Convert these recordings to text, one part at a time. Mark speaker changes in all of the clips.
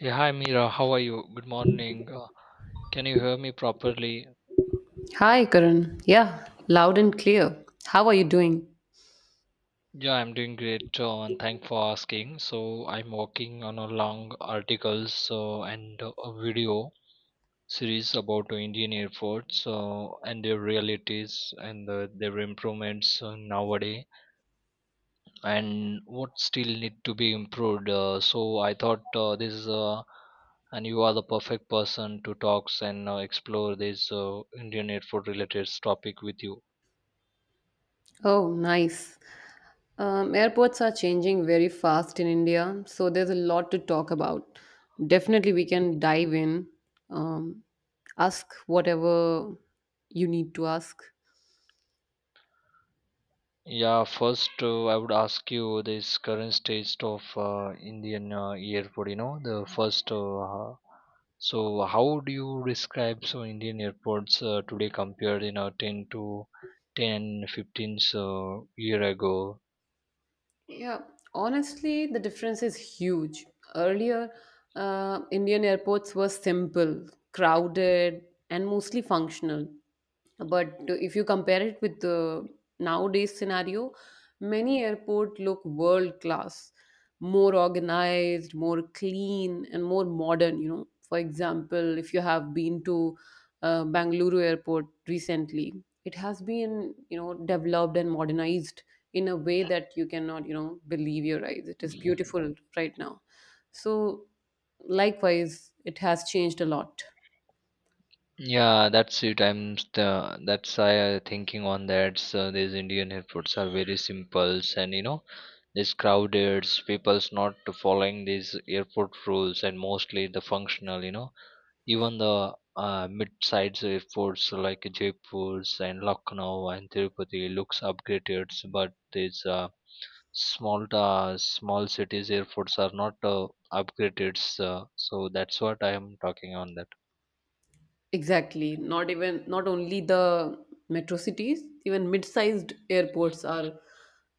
Speaker 1: Yeah, hi Mira, how are you? Good morning. Can you hear me properly?
Speaker 2: Hi, Karan. Yeah, loud and clear. How are you doing?
Speaker 1: Yeah, I'm doing great and thanks for asking. So, I'm working on a long articles and a video series about Indian airports and their realities and their improvements nowadays and what still need to be improved. So, I thought this is and you are the perfect person to talk and explore this Indian airport related topic with you.
Speaker 2: Oh, nice. Airports are changing very fast in India, so there's a lot to talk about. Definitely, we can dive in. Um, Ask whatever you need to ask.
Speaker 1: Yeah, first I would ask you this current state of Indian airport. You know, the first. So, how do you describe so Indian airports today compared you know ten to 10, 15 so year ago?
Speaker 2: Yeah, honestly, the difference is huge. Earlier, Indian airports were simple, crowded, and mostly functional. But if you compare it with the nowadays scenario, many airports look world class, more organized, more clean, and more modern. You know, for example, if you have been to Bangalore airport recently, it has been developed and modernized in a way that you cannot believe your eyes. It is beautiful right now. So likewise, it has changed a lot.
Speaker 1: Yeah, that's it. I'm the that's I thinking on that. So these Indian airports are very simple and you know these crowded, people's not following these airport rules and mostly the functional. You know, even the mid-sized airports like Jaipur and Lucknow and Tirupati looks upgraded, but these small cities airports are not upgraded. So that's what I am talking on that.
Speaker 2: Exactly. Not even not only the metro cities, even mid-sized airports are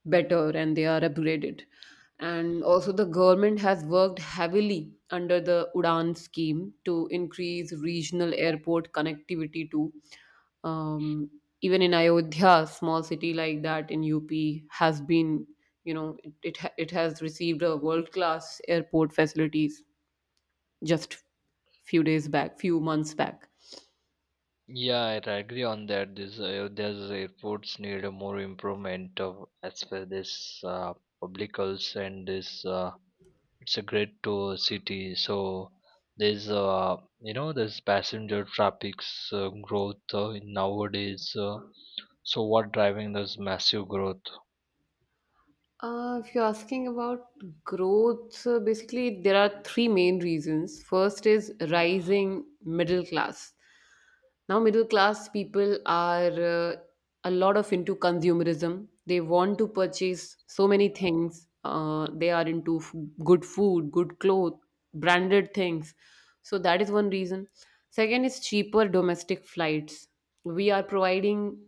Speaker 2: better and they are upgraded. And also the government has worked heavily under the Udan scheme to increase regional airport connectivity to um, even in Ayodhya, small city like that in UP has been, you know, it has received a world-class airport facilities just few days back, few months back.
Speaker 1: Yeah, I agree on that. This there's airports need a more improvement of as per this public health and this it's a great to city so there's you know there's passenger traffic's growth in nowadays so what driving this massive growth.
Speaker 2: If you're asking about growth, so basically there are three main reasons. First is rising middle class. Now, middle class people are a lot of into consumerism. They want to purchase so many things. They are into f- Good food, good clothes, branded things. So that is one reason. Second is cheaper domestic flights. We are providing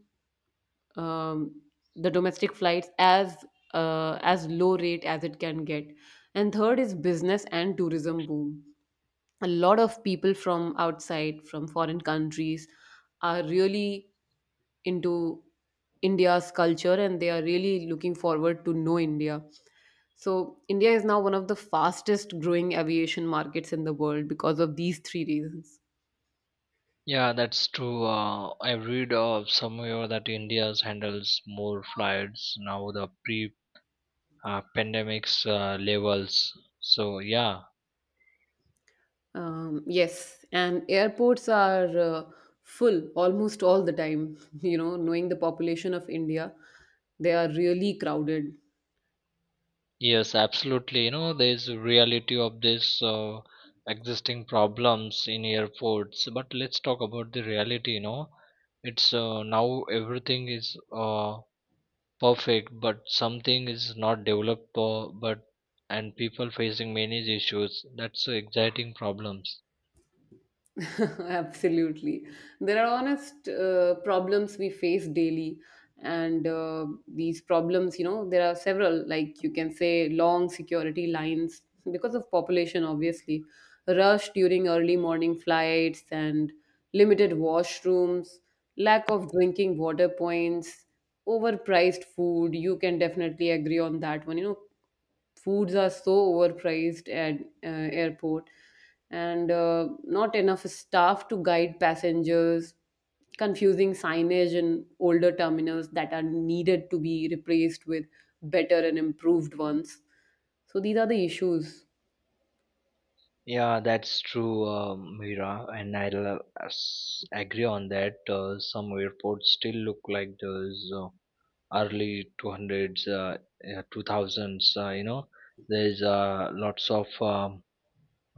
Speaker 2: um, the domestic flights as low rate as it can get. And third is business and tourism boom. A lot of people from outside, from foreign countries, are really into India's culture and they are really looking forward to know India. So India is now one of the fastest growing aviation markets in the world because of these three reasons.
Speaker 1: Yeah, that's true, I read somewhere that India handles more flights now the pre pandemic's levels, so yeah.
Speaker 2: Yes, and airports are full almost all the time. You know, knowing the population of India, they are really crowded.
Speaker 1: Yes, absolutely. You know, there's a reality of this existing problems in airports. But let's talk about the reality. You know, it's now everything is perfect, but something is not developed. But and people facing many issues. That's exciting problems.
Speaker 2: Absolutely. There are honest problems we face daily. And these problems, you know, there are several, like you can say long security lines because of population, obviously, rush during early morning flights and limited washrooms, lack of drinking water points, overpriced food. You can definitely agree on that one. You know, foods are so overpriced at airport, and not enough staff to guide passengers, confusing signage in older terminals that are needed to be replaced with better and improved ones. So these are the issues.
Speaker 1: Yeah, that's true, Mira, and I'll agree on that. Some airports still look like those. Early 200s yeah, 2000s you know there's uh, lots of um,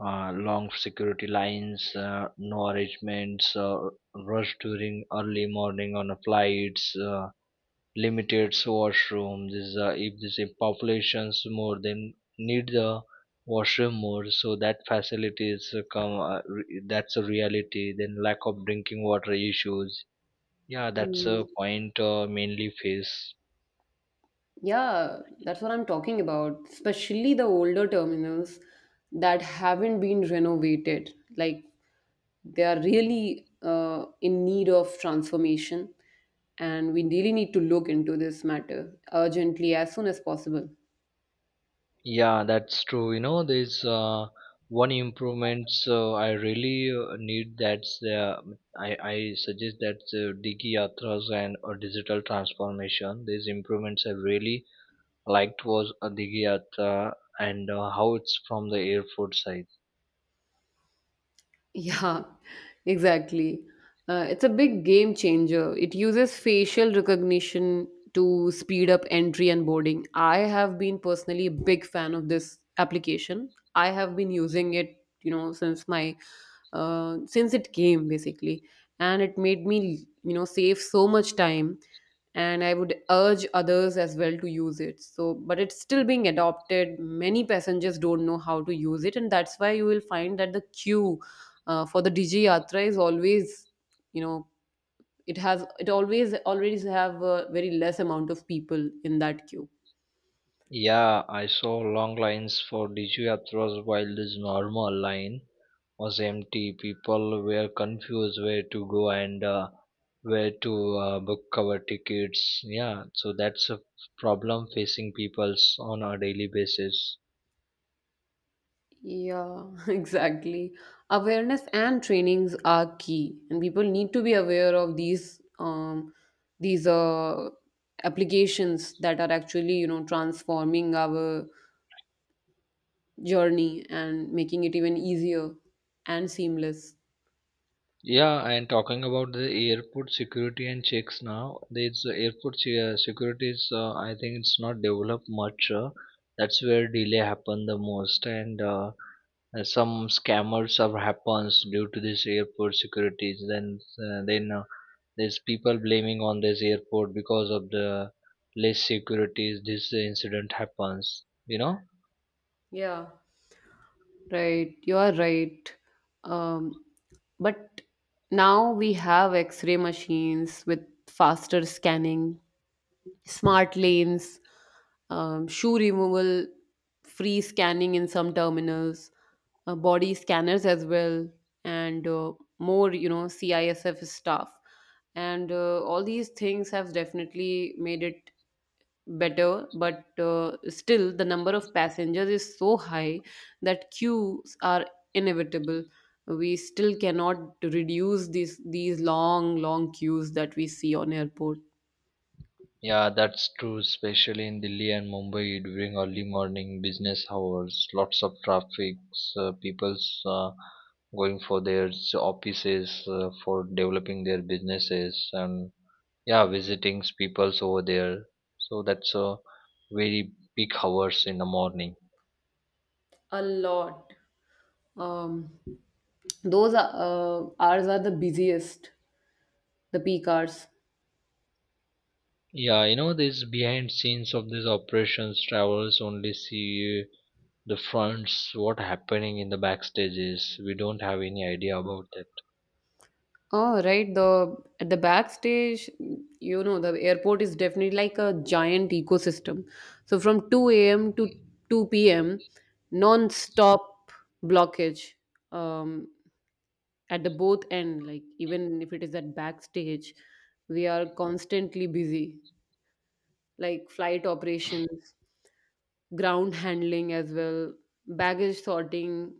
Speaker 1: uh, long security lines no arrangements rush during early morning on a flights limited washrooms is if this if populations more than need the washroom more so that facilities that's a reality, then lack of drinking water issues, yeah that's a
Speaker 2: Mm.
Speaker 1: point mainly face.
Speaker 2: Yeah, that's what I'm talking about. Especially the older terminals that haven't been renovated. Like they are really in need of transformation, and we really need to look into this matter urgently as soon as possible.
Speaker 1: Yeah, that's true. You know, there's one improvement. So I really need that's the I suggest that's Digi Yatras and digital transformation. These improvements I really liked was Digi Yatra and how it's from the airport side.
Speaker 2: Yeah, exactly. It's a big game changer. It uses facial recognition to speed up entry and boarding. I have been personally a big fan of this application. I have been using it, you know, since my since it came basically, and it made me, you know, save so much time. And I would urge others as well to use it. So, but it's still being adopted. Many passengers don't know how to use it, and that's why you will find that the queue for the Digi Yatra is always, you know, it has, it always have a very less amount of people in that queue.
Speaker 1: Yeah, I saw long lines for Digi Yatras while there's normal line, was empty. People were confused where to go and where to book our tickets. Yeah, so that's a problem facing peoples on a daily basis.
Speaker 2: Yeah, exactly. Awareness and trainings are key, and people need to be aware of these these uh, applications that are actually transforming our journey and making it even easier and seamless.
Speaker 1: Yeah, and talking about the airport security and checks now, there's security is I think it's not developed much. That's where delay happen the most, and some scammers have happens due to this airport securities. Then there's people blaming on this airport because of the less securities, this incident happens, you know.
Speaker 2: Yeah. Right, you are right. Um, but now we have X-ray machines with faster scanning, smart lanes, shoe removal, free scanning in some terminals, body scanners as well, and more, you know, CISF stuff. And all these things have definitely made it better, but still the number of passengers is so high that queues are inevitable. We still cannot reduce these long queues that we see on airport.
Speaker 1: Yeah, that's true, especially in Delhi and Mumbai during early morning business hours, lots of traffic people's uh, going for their offices for developing their businesses and yeah visiting people's over there, so that's a very big hours in the morning.
Speaker 2: A lot. Um those are, hours are the busiest, the peak hours.
Speaker 1: Yeah, you know, this behind scenes of these operations, travelers only see the fronts, what happening in the backstages. We don't have any idea about that.
Speaker 2: Oh, right. The at the backstage, you know, the airport is definitely like a giant ecosystem. So from 2 a.m. to 2 p.m., non-stop blockage um, at the both end. Like even if it is at backstage, we are constantly busy, like flight operations, ground handling as well, baggage sorting,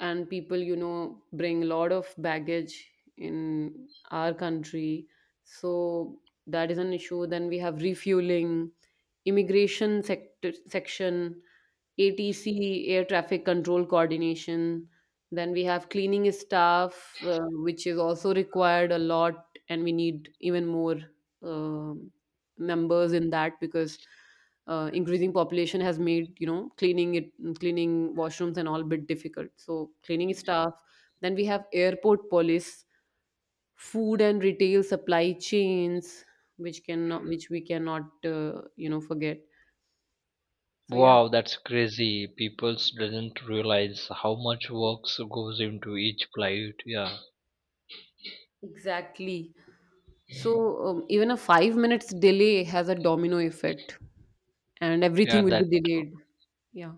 Speaker 2: and people, you know, bring a lot of baggage in our country. So that is an issue. Then we have refueling, immigration sector section, ATC, Air Traffic Control Coordination. Then we have cleaning staff, which is also required a lot, and we need even more um members in that because increasing population has made you know cleaning washrooms and all bit difficult. So cleaning staff. Then we have airport police, food and retail supply chains, which cannot, which we cannot, forget. So yeah,
Speaker 1: Wow, that's crazy. People doesn't realize how much works goes into each flight. Yeah,
Speaker 2: exactly. So even a 5 minutes delay has a domino effect, and
Speaker 1: yeah,
Speaker 2: everything will
Speaker 1: that.
Speaker 2: be delayed. Yeah,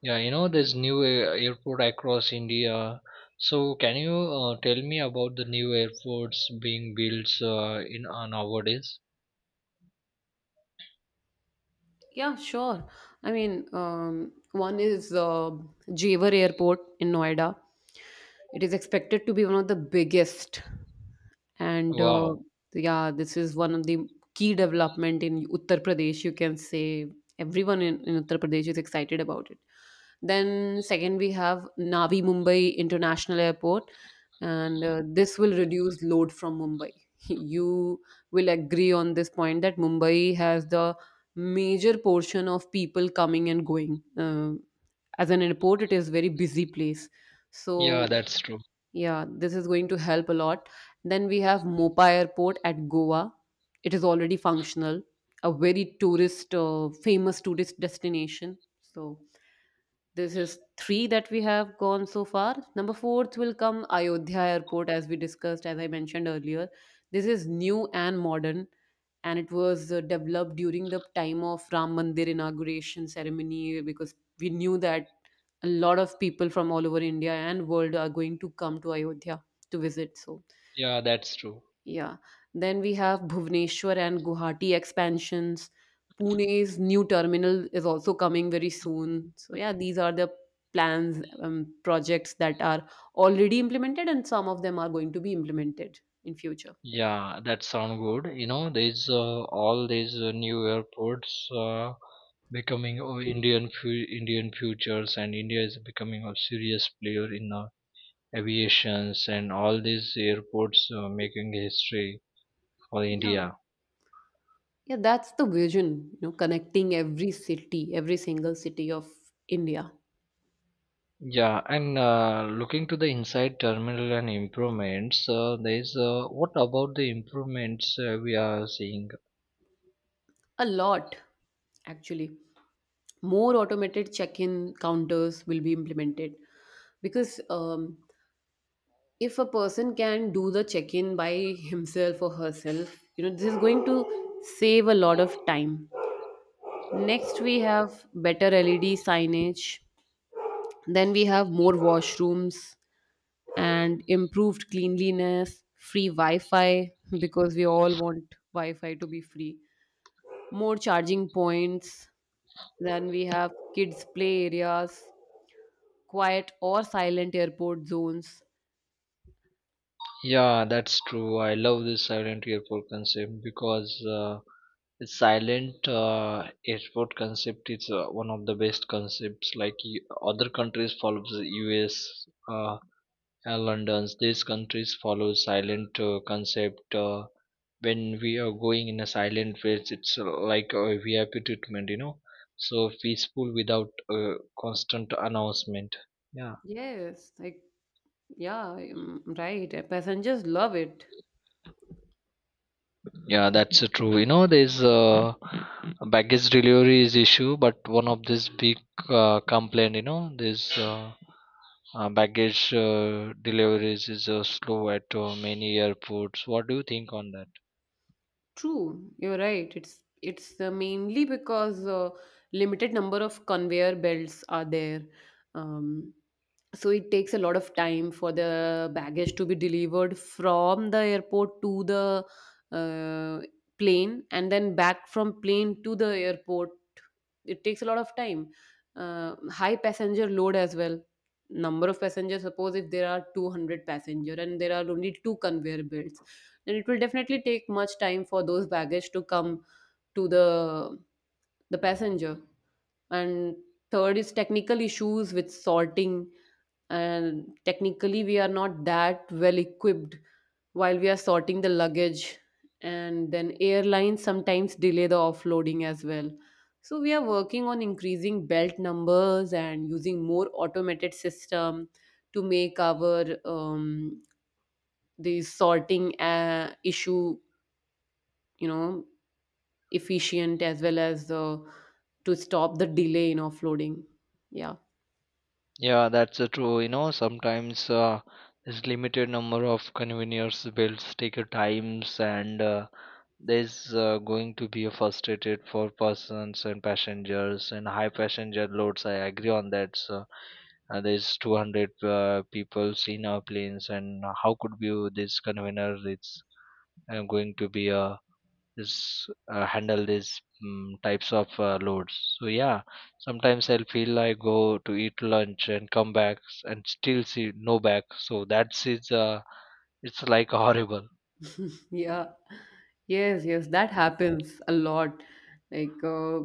Speaker 1: Yeah, you know, there's airport across India. So, can you tell me about the new airports being built in nowadays?
Speaker 2: yeah, sure. I mean, one is Jewar Airport in Noida. It is expected to be one of the biggest. And
Speaker 1: Wow.
Speaker 2: yeah, this is one of the key development in Uttar Pradesh. You can say everyone in Uttar Pradesh is excited about it. Then second, we have Navi Mumbai International Airport, and this will reduce load from Mumbai. You will agree on this point that Mumbai has the major portion of people coming and going. As an airport, it is very busy place.
Speaker 1: Yeah,
Speaker 2: So
Speaker 1: that's true.
Speaker 2: yeah, this is going to help a lot. Then we have Mopa Airport at Goa. It is already functional, a very tourist, famous tourist destination. So this is three that we have gone so far. Number fourth will come Ayodhya Airport, as we discussed, as I mentioned earlier. This is new and modern, and it was developed during the time of Ram Mandir inauguration ceremony because we knew that a lot of people from all over India and world are going to come to Ayodhya to visit. So
Speaker 1: Yeah, that's true.
Speaker 2: yeah. Then we have Bhubaneswar and Guwahati expansions. Pune's new terminal is also coming very soon. So, yeah, these are the plans, projects that are already implemented, and some of them are going to be implemented in future.
Speaker 1: Yeah, that sound good. You know, there's all these new airports becoming Indian futures, and India is becoming a serious player in aviations, and all these airports making history for
Speaker 2: Yeah.
Speaker 1: India.
Speaker 2: Yeah, that's the vision, you know, connecting every city, every single city of India.
Speaker 1: Yeah, and looking to the inside terminal and improvements, there's what about the improvements we are seeing?
Speaker 2: A lot, actually. More automated check in counters will be implemented because if a person can do the check in by himself or herself, you know, this is going to save a lot of time. Next, we have better LED signage. Then we have more washrooms and improved cleanliness, free Wi Fi because we all want Wi Fi to be free, more charging points. Then we have kids' play areas, quiet or silent airport zones.
Speaker 1: Yeah, that's true. I love this silent airport concept because the silent airport concept is one of the best concepts. Like other countries follow the US uh, and London's, these countries follow silent concept. When we are going in a silent place, it's like a VIP treatment, you know. So peaceful without constant announcement. Yeah.
Speaker 2: Yes, like. Yeah, mm, right. Passengers love it.
Speaker 1: Yeah, that's true. You know, there's a baggage delivery is issue, but one of this big complaint, you know, this baggage deliveries is slow at many airports. What do you think on that?
Speaker 2: True, you're right. It's mainly because limited number of conveyor belts are there. Um, so it takes a lot of time for the baggage to be delivered from the airport to the uh, plane and then back from plane to the airport. It takes a lot of time. High passenger load as well. Number of passengers, suppose if there are 200 passenger and there are only two conveyor belts, and it will definitely take much time for those baggage to come to the passenger. And third is technical issues with sorting, and technically we are not that well equipped while we are sorting the luggage. And then airlines sometimes delay the offloading as well. So we are working on increasing belt numbers and using more automated system to make our the sorting issue, you know efficient as well as to stop the delay in offloading. Yeah.
Speaker 1: Yeah, that's true. You know, sometimes this limited number of convenience builds take a times and there's going to be a frustrated for persons and passengers and high passenger loads, I agree on that. So there's 200 people in our planes and how could we this convener, it's going to be this handle these types of loads. So yeah, sometimes I'll feel I go to eat lunch and come back and still see no back, so that's it's like horrible.
Speaker 2: Yeah. Yes, yes, that happens a lot. like uh,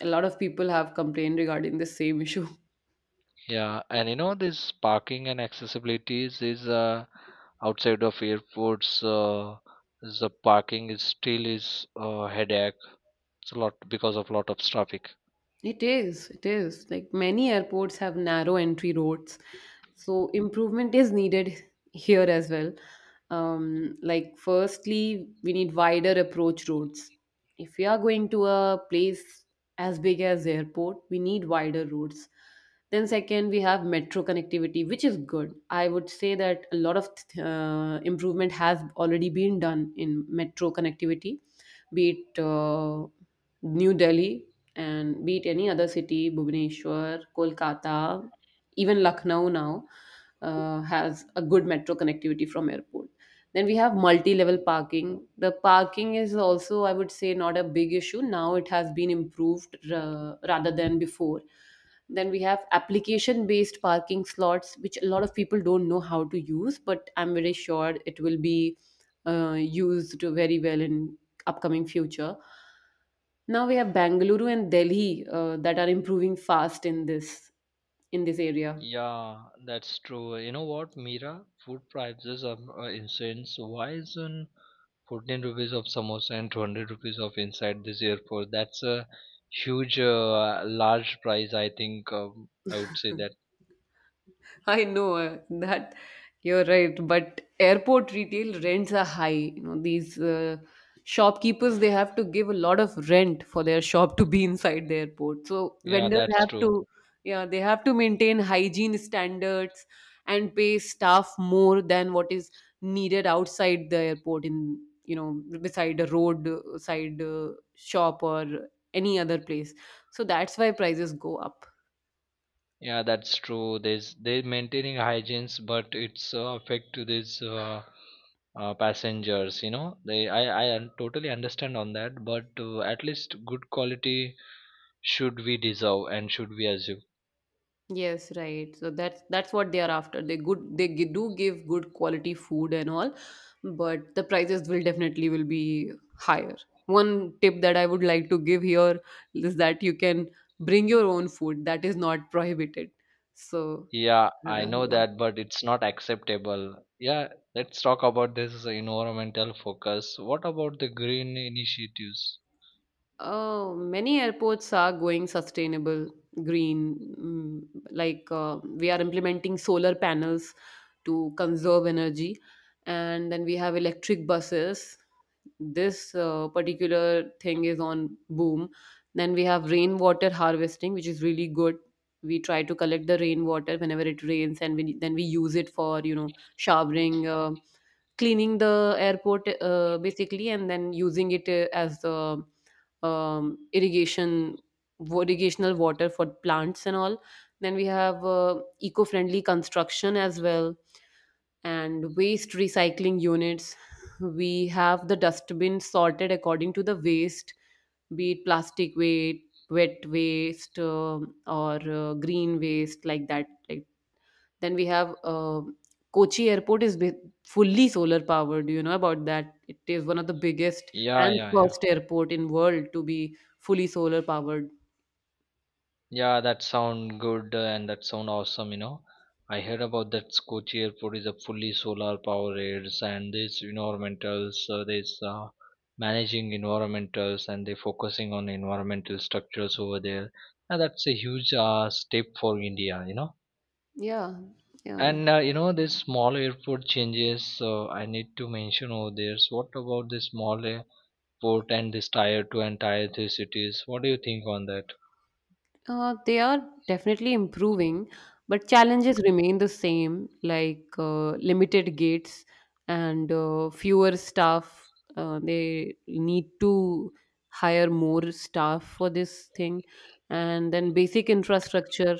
Speaker 2: a lot of people have complained regarding the same issue.
Speaker 1: Yeah, and you know this parking and accessibilities is outside of airports. The parking is still is headache. It's a lot because of lot of traffic.
Speaker 2: It is, it is. Like many airports have narrow entry roads, so improvement is needed here as well. Like, firstly, we need wider approach roads. If we are going to a place as big as the airport, we need wider roads. Then, second, we have metro connectivity, which is good. I would say that a lot of improvement has already been done in metro connectivity, be it New Delhi and be it any other city, Bhubaneswar, Kolkata, even Lucknow now has a good metro connectivity from airport. Then we have multi-level parking. The parking is also, I would say, not a big issue now. It has been improved rather than before. Then we have application-based parking slots, which a lot of people don't know how to use, but I'm very sure it will be used very well in upcoming future. Now we have Bangalore and Delhi, that are improving fast in this area.
Speaker 1: Yeah, that's true. You know what, Mira? Food prices are insane. So why isn't 14 rupees of samosa and 200 rupees of inside this airport? That's a huge, large price, I think. I would say that.
Speaker 2: I know, that you're right, but airport retail rents are high. You know, these shopkeepers, they have to give a lot of rent for their shop to be inside the airport. So
Speaker 1: Yeah,
Speaker 2: vendors
Speaker 1: that's
Speaker 2: have
Speaker 1: true.
Speaker 2: to, yeah, they have to maintain hygiene standards and pay staff more than what is needed outside the airport, in beside a road side shop or any other place. So that's why prices go up.
Speaker 1: Yeah, that's true. There's they're maintaining hygienes, but it's affect to these passengers. You know, they I totally understand on that, but at least good quality should we deserve and should we assume.
Speaker 2: Yes, right. So that's what they are after. They do give good quality food and all, but the prices will definitely will be higher. One tip that I would like to give here is that you can bring your own food. That is not prohibited. So
Speaker 1: Yeah, I know
Speaker 2: yeah.
Speaker 1: that, but it's not acceptable. Yeah, let's talk about this environmental focus. What about the green initiatives?
Speaker 2: Oh, many airports are going sustainable, green. Like, we are implementing solar panels to conserve energy, and then we have electric buses. This particular thing is on boom. Then we have rainwater harvesting, which is really good. We try to collect the rainwater whenever it rains, and then we use it for showering, cleaning the airport, basically, and then using it as the irrigation irrigational water for plants and all. Then we have, eco-friendly construction as well, and waste recycling units. We have the dustbin sorted according to the waste, be it plastic waste, wet waste, or green waste. Like that, then we have, Kochi Airport is fully solar powered. Do you know about that? It is one of the biggest
Speaker 1: Yeah,
Speaker 2: and
Speaker 1: yeah, yeah.
Speaker 2: first airport in world to be fully solar powered.
Speaker 1: Yeah, that sound good and that sound awesome, you know. I heard about that Kochi airport is a fully solar powered and this environmentals, this managing environmentals and they're focusing on environmental structures over there. And that's a huge step for India, you know.
Speaker 2: Yeah, yeah.
Speaker 1: And you know, this small airport changes, I need to mention over there. So what about this small airport and this tier two and tier three cities? What do you think on that?
Speaker 2: They are definitely improving, but challenges remain the same, like, limited gates and, fewer staff. They need to hire more staff for this thing, and then basic infrastructure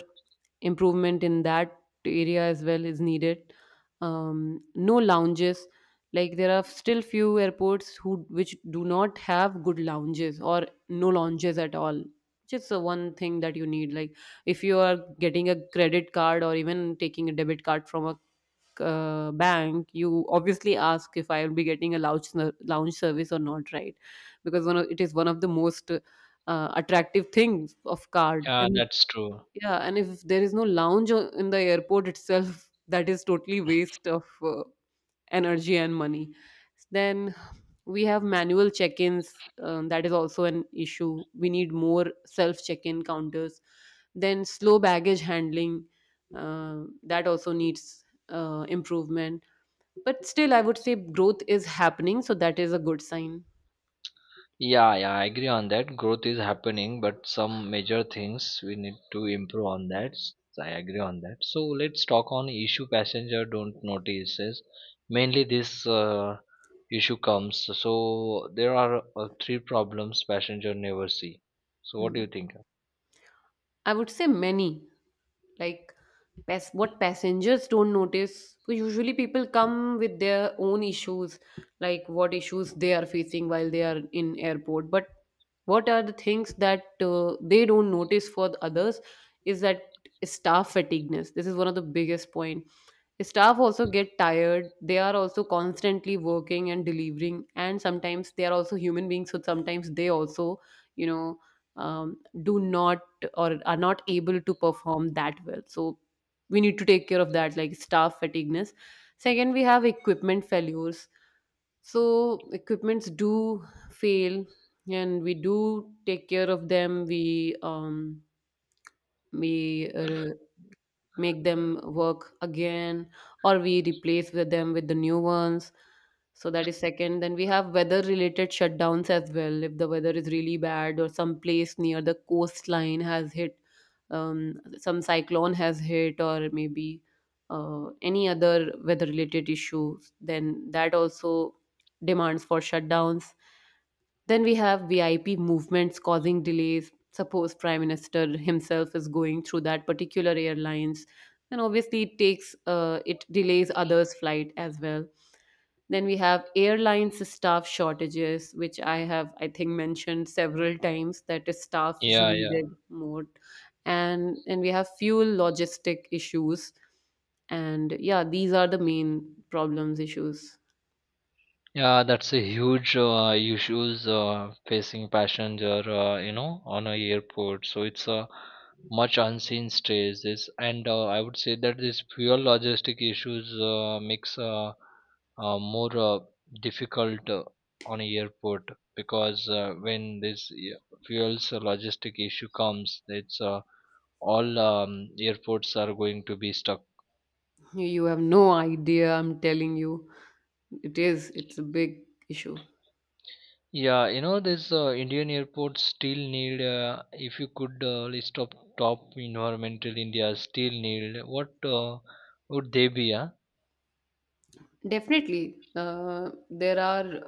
Speaker 2: improvement in that area as well is needed. No lounges. Like, there are still few airports who which do not have good lounges or no lounges at all. Just the one thing that you need, like, if you are getting a credit card or even taking a debit card from a, bank, you obviously ask if I will be getting a lounge service or not, right? Because one of, it is one of the most, attractive things of card,
Speaker 1: Yeah,
Speaker 2: and
Speaker 1: that's true.
Speaker 2: yeah. And if there is no in the airport itself that is totally waste of, energy and money. Then we have manual check ins, that is also an issue. We need more self check in counters. Then slow baggage handling, that also needs, improvement. But still, I would say growth is happening, so that is a good sign.
Speaker 1: Yeah, yeah, I agree on that. Growth is happening, but some major things we need to improve on that. I agree on that. So let's talk on issue passenger don't notices. Mainly this issue comes. So there are three problems passenger never see. So what do
Speaker 2: Hmm.
Speaker 1: you think?
Speaker 2: I would say many. Like, what passengers don't notice. Well, usually people come with their own issues, like what issues they are facing while they are in airport. But what are the things that, they don't notice for the others, is that staff fatigueness. This is one of the biggest point. Staff also get tired. They are also constantly working and delivering, and sometimes they are also human beings. So sometimes they also, you know, do not or are not able to perform that well. So we need to take care of that, like staff fatigueness. Second, we have equipment failures. So equipments do fail, and we do take care of them. We make them work again, or we replace with them with the new ones. So that is second. Then we have weather related shutdowns as well. If the weather is really bad, or some place near the coastline has hit, some cyclone has hit, or maybe, any other weather related issues, then that also demands for shutdowns. Then we have VIP movements causing delays. Suppose Prime Minister himself is going through that particular airlines, and obviously it takes, it delays others' flight as well. Then we have airlines staff shortages, which I think mentioned several times that staff is
Speaker 1: Yeah, yeah.
Speaker 2: needed more, and we have fuel logistic issues, and yeah, these are the main problems issues.
Speaker 1: Yeah, that's a huge issues facing passenger, you know, on a airport. So it's a much unseen stress. This and I would say that this fuel logistic issues makes more difficult on a airport because when this fuels logistic issue comes, it's all airports are going to be stuck.
Speaker 2: You have no idea, I'm telling you. It's a big issue.
Speaker 1: Yeah, you know, this Indian airports still need, if you could list of top environmental India still need, what would they be? Yeah.
Speaker 2: Definitely, there are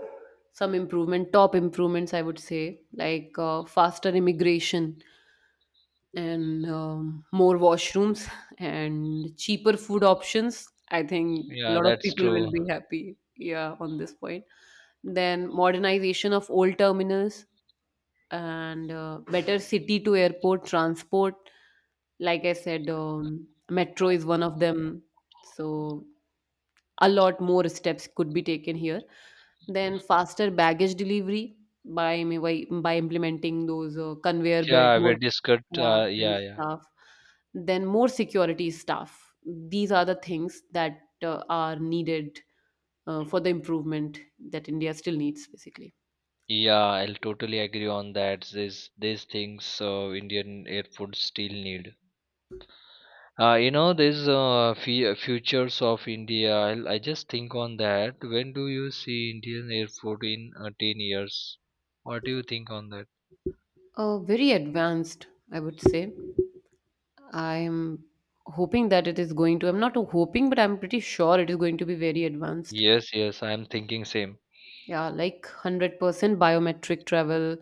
Speaker 2: some improvement, top improvements, I would say, like, faster immigration, and more washrooms, and cheaper food options. I think a
Speaker 1: Yeah,
Speaker 2: lot of
Speaker 1: that's
Speaker 2: people will
Speaker 1: true.
Speaker 2: be happy, yeah, on this point. Then modernization of old terminals, and, better city to airport transport. Like I said, metro is one of them. So, a lot more steps could be taken here. Then, faster baggage delivery, by by implementing those, conveyor belt,
Speaker 1: Yeah,
Speaker 2: more
Speaker 1: we discussed.
Speaker 2: yeah, and
Speaker 1: Yeah, yeah,
Speaker 2: stuff. Then, more security staff. These are the things that, are needed, for the improvement, that India still needs, basically.
Speaker 1: yeah, I'll totally agree on that. These things Indian airports still need. You know, these futures of India. I just think on that. When do you see Indian airport in 10 years? What do you think on that?
Speaker 2: Very advanced, I would say. I'm hoping that it is going to, I'm not hoping, but I'm pretty sure it is going to be very advanced.
Speaker 1: Yes, yes, I'm thinking same.
Speaker 2: Yeah, like 100% biometric travel,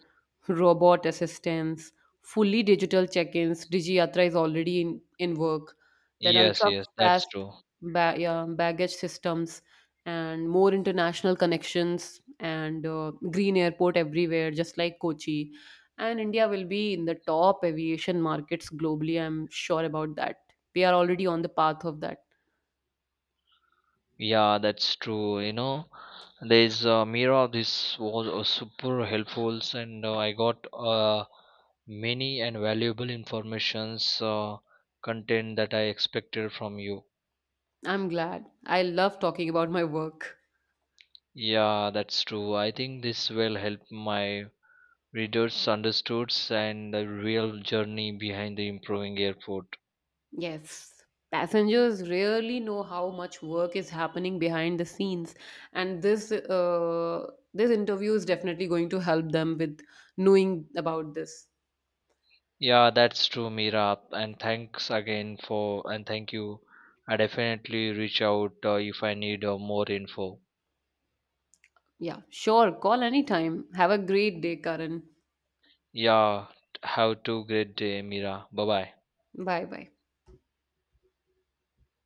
Speaker 2: robot assistance, fully digital check-ins. DigiYatra is already in work. Then
Speaker 1: Yes, yes, that's
Speaker 2: ultra-fast
Speaker 1: true.
Speaker 2: yeah, baggage systems, and more international connections, and, green airport everywhere, just like Kochi. And India will be in the top aviation markets globally. I'm sure about that. We are already on the path of that.
Speaker 1: Yeah, that's true. You know, there's a mirror. This was super helpful, and I got many and valuable informations content that I expected from you.
Speaker 2: I'm glad. I love talking about my work.
Speaker 1: Yeah, that's true. I think this will help my readers understood and the real journey behind the improving airport.
Speaker 2: Yes, passengers rarely know how much work is happening behind the scenes, and this interview is definitely going to help them with knowing about this.
Speaker 1: Yeah, that's true, Mira. And thanks again for and thank you. I definitely reach out if I need more info.
Speaker 2: Yeah, sure. Call anytime. Have a great day, Karan.
Speaker 1: Yeah, have a great day, Mira. Bye bye.
Speaker 2: Bye bye.